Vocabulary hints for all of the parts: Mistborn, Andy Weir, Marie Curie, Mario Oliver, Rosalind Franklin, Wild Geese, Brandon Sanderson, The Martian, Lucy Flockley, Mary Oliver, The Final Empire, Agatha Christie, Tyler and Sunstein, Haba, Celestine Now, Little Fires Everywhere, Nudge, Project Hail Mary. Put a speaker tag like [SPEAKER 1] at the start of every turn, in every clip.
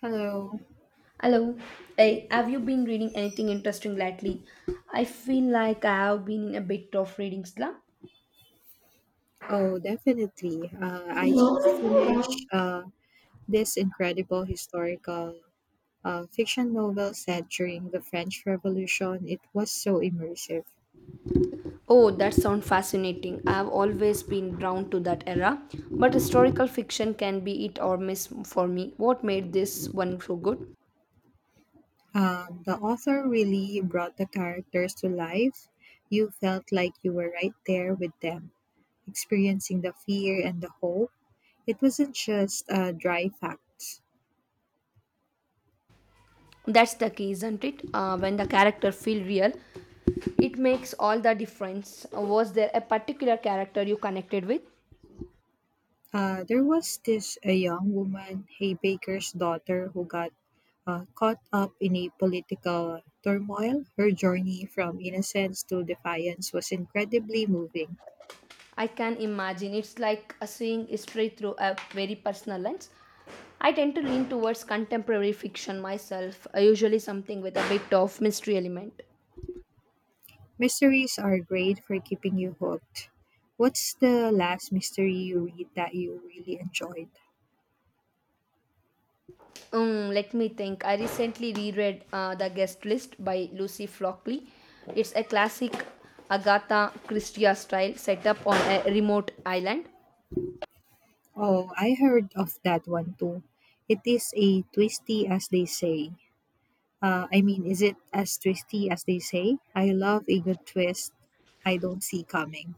[SPEAKER 1] Hello.
[SPEAKER 2] Hello. Hey, have you been reading anything interesting lately? I feel like I have been in a bit of reading slump.
[SPEAKER 1] Oh, definitely. I just finished this incredible historical fiction novel set during the French Revolution. It was so immersive.
[SPEAKER 2] Oh, that sounds fascinating. I have always been drawn to that era, but historical fiction can be it or miss for me. What made this one so good?
[SPEAKER 1] The author really brought the characters to life. You felt like you were right there with them, experiencing the fear and the hope. It wasn't just dry facts.
[SPEAKER 2] That's the key, isn't it? When the character feel real, it makes all the difference. Was there a particular character you connected with?
[SPEAKER 1] There was this a young woman, a baker's daughter, who got caught up in a political turmoil. Her journey from innocence to defiance was incredibly moving.
[SPEAKER 2] I can imagine. It's like a seeing history through a very personal lens. I tend to lean towards contemporary fiction myself, usually something with a bit of mystery element.
[SPEAKER 1] Mysteries are great for keeping you hooked. What's the last mystery you read that you really enjoyed?
[SPEAKER 2] Let me think. I recently reread The Guest List by Lucy Flockley. It's a classic Agatha Christie style set up on a remote island.
[SPEAKER 1] Oh, I heard of that one too. It is a twisty, as they say. I mean, is it as twisty as they say? I love a good twist I don't see coming.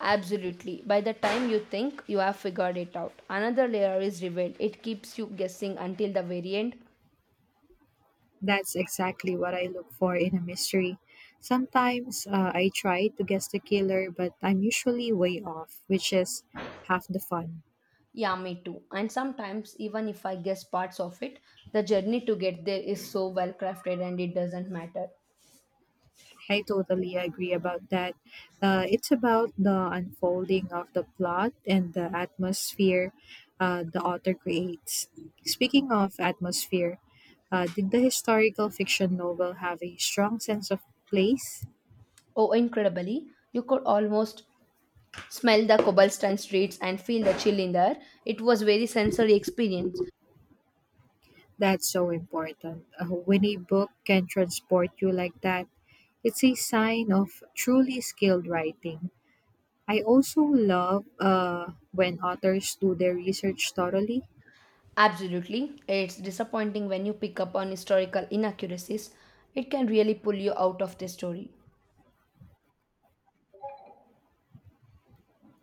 [SPEAKER 2] Absolutely. By the time you think you have figured it out, another layer is revealed. It keeps you guessing until the very end.
[SPEAKER 1] That's exactly what I look for in a mystery. Sometimes I try to guess the killer, but I'm usually way off, which is half the fun.
[SPEAKER 2] Yeah, me too. And sometimes, even if I guess parts of it, the journey to get there is so well crafted and it doesn't matter.
[SPEAKER 1] I totally agree about that. It's about the unfolding of the plot and the atmosphere the author creates. Speaking of atmosphere, did the historical fiction novel have a strong sense of place?
[SPEAKER 2] Oh, incredibly, you could almost smell the cobblestone streets and feel the chill in the air. It was very sensory experience.
[SPEAKER 1] That's so important. When a book can transport you like that, it's a sign of truly skilled writing. I also love when authors do their research thoroughly.
[SPEAKER 2] Absolutely. It's disappointing when you pick up on historical inaccuracies. It can really pull you out of the story.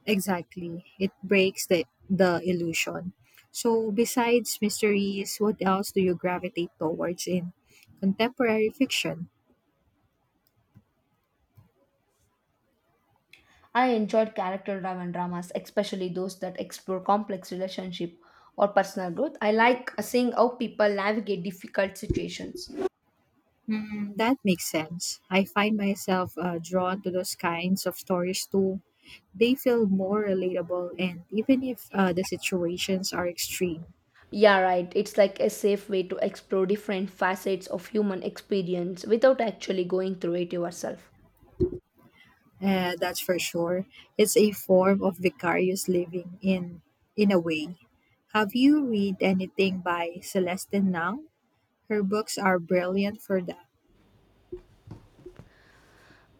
[SPEAKER 1] Exactly. It breaks the illusion. So, besides mysteries, what else do you gravitate towards in contemporary fiction?
[SPEAKER 2] I enjoyed character driven dramas, especially those that explore complex relationship or personal growth. I like seeing how people navigate difficult situations.
[SPEAKER 1] Hmm, that makes sense. I find myself drawn to those kinds of stories too. They feel more relatable, and even if the situations are extreme.
[SPEAKER 2] Yeah, right. It's like a safe way to explore different facets of human experience without actually going through it yourself.
[SPEAKER 1] That's for sure. It's a form of vicarious living in a way. Have you read anything by Celestine Now? Her books are brilliant for that.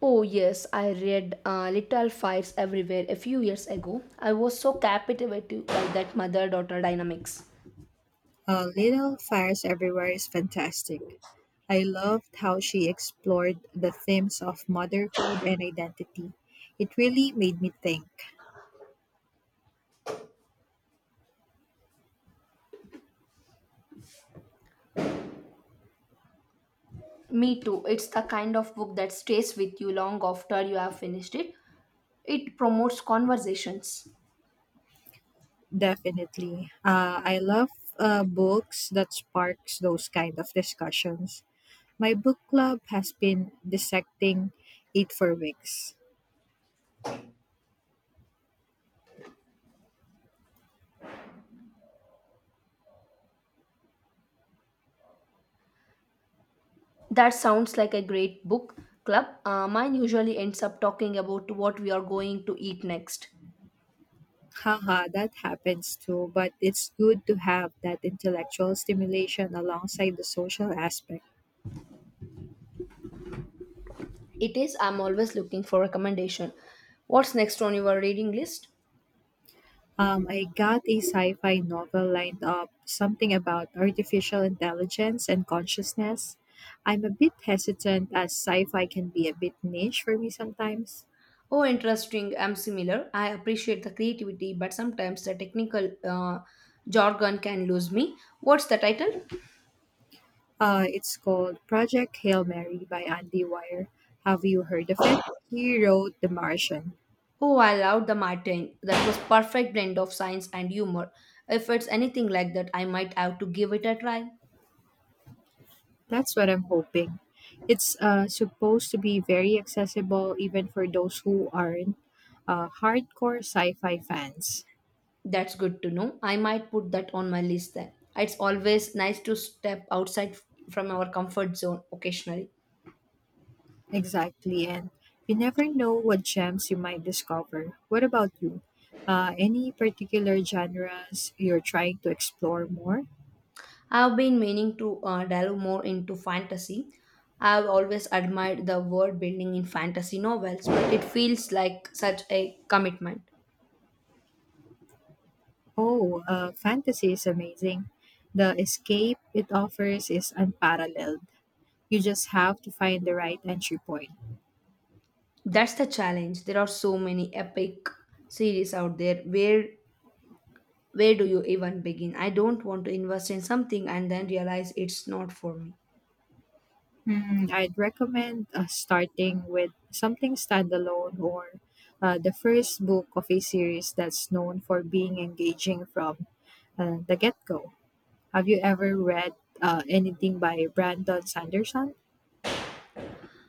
[SPEAKER 2] Oh, yes, I read Little Fires Everywhere a few years ago. I was so captivated by that mother daughter dynamics.
[SPEAKER 1] Little Fires Everywhere is fantastic. I loved how she explored the themes of motherhood and identity. It really made me think.
[SPEAKER 2] Me too. It's the kind of book that stays with you long after you have finished it. It promotes conversations.
[SPEAKER 1] Definitely. I love books that sparks those kind of discussions. My book club has been dissecting it for weeks.
[SPEAKER 2] That sounds like a great book club. Mine usually ends up talking about what we are going to eat next.
[SPEAKER 1] Haha, that happens too, but it's good to have that intellectual stimulation alongside the social aspect.
[SPEAKER 2] It is, I'm always looking for recommendation. What's next on your reading list?
[SPEAKER 1] I got a sci fi novel lined up, something about artificial intelligence and consciousness. I'm a bit hesitant as sci fi can be a bit niche for me sometimes.
[SPEAKER 2] Oh, interesting. I'm similar. I appreciate the creativity, but sometimes the technical jargon can lose me. What's the title?
[SPEAKER 1] It's called Project Hail Mary by Andy Weir. Have you heard of it? He wrote The Martian.
[SPEAKER 2] Oh, I loved the Martin. That was perfect blend of science and humor. If it's anything like that, I might have to give it a try.
[SPEAKER 1] That's what I'm hoping. It's supposed to be very accessible even for those who aren't hardcore sci fi fans.
[SPEAKER 2] That's good to know. I might put that on my list then. It's always nice to step outside from our comfort zone occasionally.
[SPEAKER 1] Exactly, and you never know what gems you might discover. What about you? Any particular genres you're trying to explore more?
[SPEAKER 2] I've been meaning to delve more into fantasy. I've always admired the world building in fantasy novels, but it feels like such a commitment.
[SPEAKER 1] Oh, fantasy is amazing. The escape it offers is unparalleled. You just have to find the right entry point.
[SPEAKER 2] That's the challenge. There are so many epic series out there. Where do you even begin? I don't want to invest in something and then realize it's not for me.
[SPEAKER 1] Hmm, I'd recommend starting with something standalone or the first book of a series that's known for being engaging from the get go. Have you ever read anything by Brandon Sanderson?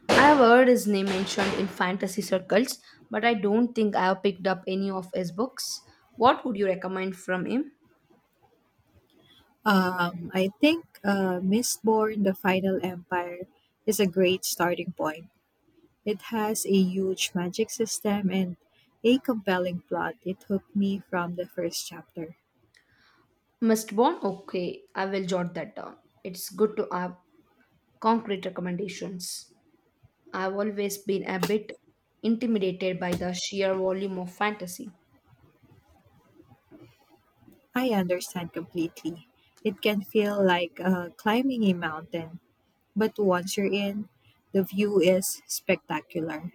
[SPEAKER 2] I've heard his name mentioned in fantasy circles, but I don't think I have picked up any of his books. What would you recommend from him?
[SPEAKER 1] I think Mistborn, The Final Empire is a great starting point. It has a huge magic system and a compelling plot. It hooked me from the first chapter.
[SPEAKER 2] Mistborn? Okay, I will jot that down. It's good to have concrete recommendations. I've always been a bit intimidated by the sheer volume of fantasy.
[SPEAKER 1] I understand completely. It can feel like climbing a mountain, but once you're in, the view is spectacular.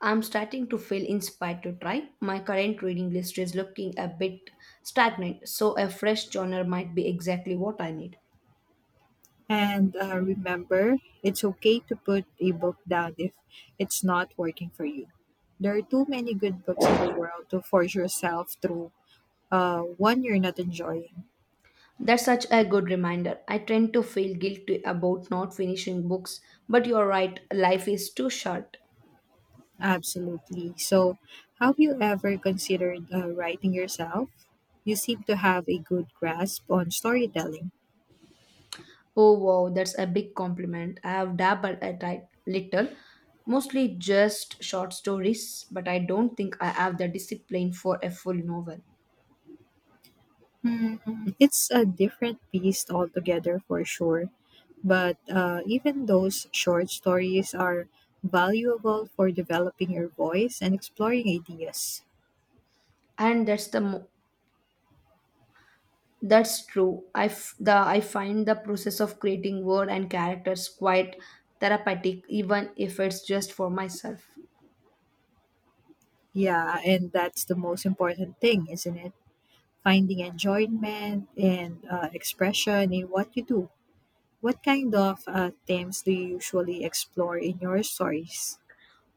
[SPEAKER 2] I'm starting to feel inspired to try. My current reading list is looking a bit stagnant, so a fresh genre might be exactly what I need.
[SPEAKER 1] And remember, it's okay to put a book down if it's not working for you. There are too many good books in the world to force yourself through one you're not enjoying.
[SPEAKER 2] That's such a good reminder. I tend to feel guilty about not finishing books, but you're right, life is too short.
[SPEAKER 1] Absolutely. So, have you ever considered writing yourself? You seem to have a good grasp on storytelling.
[SPEAKER 2] Oh wow, that's a big compliment. I have dabbled a it little, mostly just short stories, but I don't think I have the discipline for a full novel.
[SPEAKER 1] Mm, it's a different beast altogether for sure. But even those short stories are valuable for developing your voice and exploring ideas.
[SPEAKER 2] And that's the mo- That's true. I find the process of creating word and characters quite therapeutic, even if it's just for myself.
[SPEAKER 1] Yeah, and that's the most important thing, isn't it? Finding enjoyment and expression in what you do. What kind of themes do you usually explore in your stories?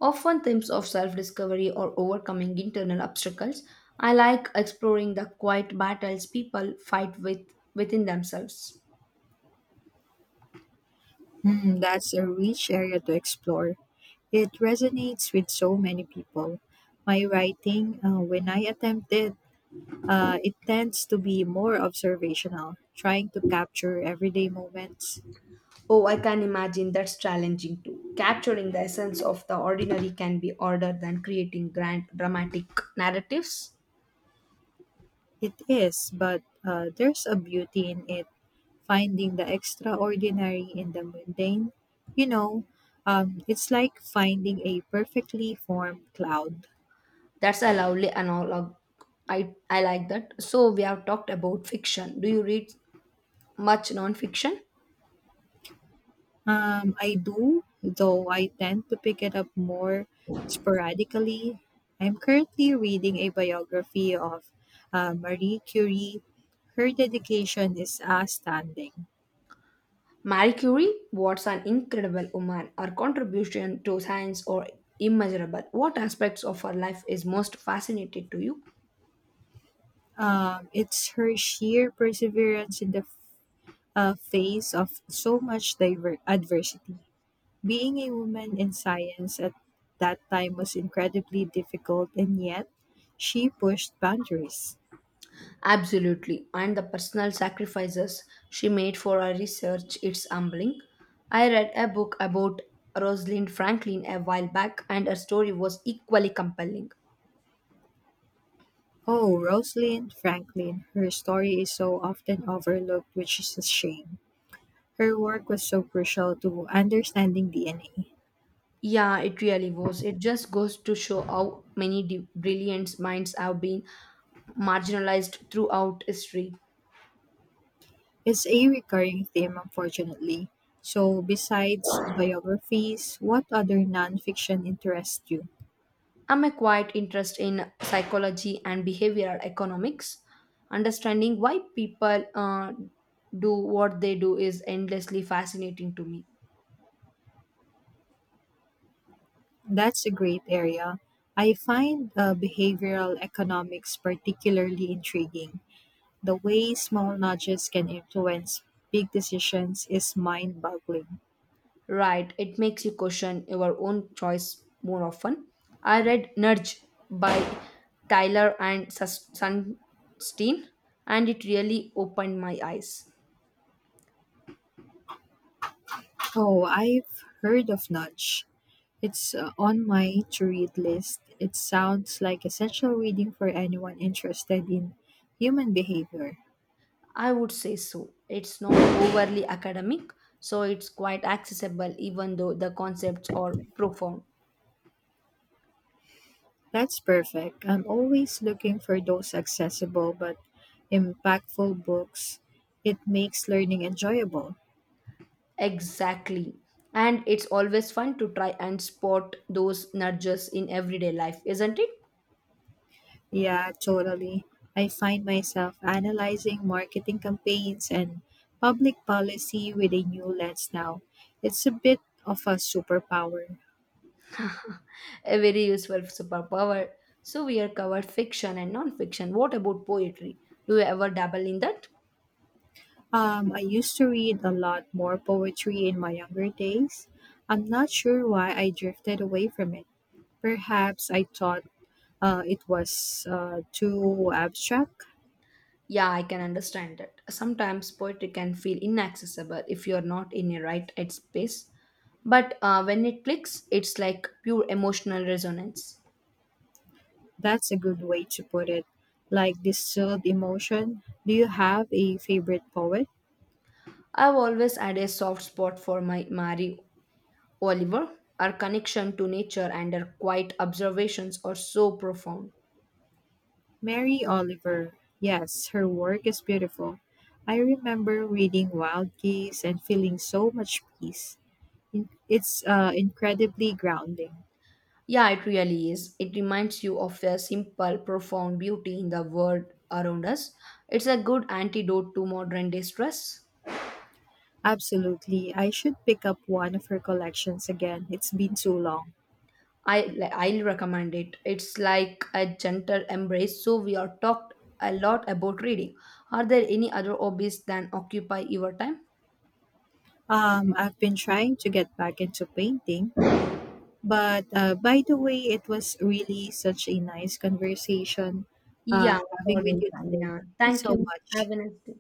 [SPEAKER 2] Often themes of self discovery or overcoming internal obstacles. I like exploring the quiet battles people fight with within themselves.
[SPEAKER 1] Mm, that's a rich area to explore. It resonates with so many people. My writing, when I attempt it, it tends to be more observational, trying to capture everyday moments.
[SPEAKER 2] Oh, I can imagine that's challenging too. Capturing the essence of the ordinary can be harder than creating grand dramatic narratives.
[SPEAKER 1] It is, but there's a beauty in it, finding the extraordinary in the mundane. You know, it's like finding a perfectly formed cloud.
[SPEAKER 2] That's a lovely analog. I like that. So, we have talked about fiction. Do you read much non fiction?
[SPEAKER 1] I do, though I tend to pick it up more sporadically. I'm currently reading a biography of Marie Curie. Her dedication is outstanding.
[SPEAKER 2] Marie Curie was an incredible woman. Her contribution to science are immeasurable. What aspects of her life is most fascinating to you?
[SPEAKER 1] It's her sheer perseverance in the face of so much adversity. Being a woman in science at that time was incredibly difficult, and yet she pushed boundaries.
[SPEAKER 2] Absolutely. And the personal sacrifices she made for her research, it's humbling. I read a book about Rosalind Franklin a while back, and her story was equally compelling.
[SPEAKER 1] Oh, Rosalind Franklin, her story is so often overlooked, which is a shame. Her work was so crucial to understanding DNA.
[SPEAKER 2] Yeah, it really was. It just goes to show how many brilliant minds have been marginalized throughout history.
[SPEAKER 1] It's a recurring theme, unfortunately. So, besides biographies, what other nonfiction interests you?
[SPEAKER 2] I'm a quite interest in psychology and behavioral economics. Understanding why people do what they do is endlessly fascinating to me.
[SPEAKER 1] That's a great area. I find behavioral economics particularly intriguing. The way small nudges can influence big decisions is mind boggling.
[SPEAKER 2] Right, it makes you question your own choice more often. I read Nudge by Tyler and Sunstein, and it really opened my eyes.
[SPEAKER 1] Oh, I've heard of Nudge. It's on my to read list. It sounds like essential reading for anyone interested in human behavior.
[SPEAKER 2] I would say so. It's not overly academic, so it's quite accessible, even though the concepts are profound.
[SPEAKER 1] That's perfect. I'm always looking for those accessible but impactful books. It makes learning enjoyable.
[SPEAKER 2] Exactly. And it's always fun to try and spot those nudges in everyday life, isn't it?
[SPEAKER 1] Yeah, totally. I find myself analyzing marketing campaigns and public policy with a new lens now. It's a bit of a superpower.
[SPEAKER 2] A very useful superpower. So we are covered fiction and non-fiction. What about poetry? Do you ever dabble in that?
[SPEAKER 1] I used to read a lot more poetry in my younger days. I'm not sure why I drifted away from it. Perhaps I thought it was too abstract.
[SPEAKER 2] Yeah, I can understand that. Sometimes poetry can feel inaccessible if you're not in a right headspace. But when it clicks, it's like pure emotional resonance.
[SPEAKER 1] That's a good way to put it. Like distilled emotion. Do you have a favorite poet?
[SPEAKER 2] I've always had a soft spot for my Mario Oliver, our connection to nature and our quiet observations are so profound.
[SPEAKER 1] Mary Oliver. Yes, her work is beautiful. I remember reading Wild Geese and feeling so much peace. It's incredibly grounding.
[SPEAKER 2] Yeah, it really is. It reminds you of a simple, profound beauty in the world around us. It's a good antidote to modern day stress.
[SPEAKER 1] Absolutely. I should pick up one of her collections again. It's been so long.
[SPEAKER 2] I, like, I'll recommend it. It's like a gentle embrace. So, we are talked a lot about reading. Are there any other hobbies than occupy your time?
[SPEAKER 1] I've been trying to get back into painting, but by the way, it was really such a nice conversation
[SPEAKER 2] Yeah,
[SPEAKER 1] having with
[SPEAKER 2] sorry,
[SPEAKER 1] you today.
[SPEAKER 2] Tanya.
[SPEAKER 1] Thank you
[SPEAKER 2] Thank
[SPEAKER 1] so
[SPEAKER 2] you. Have
[SPEAKER 1] much.
[SPEAKER 2] a nice day.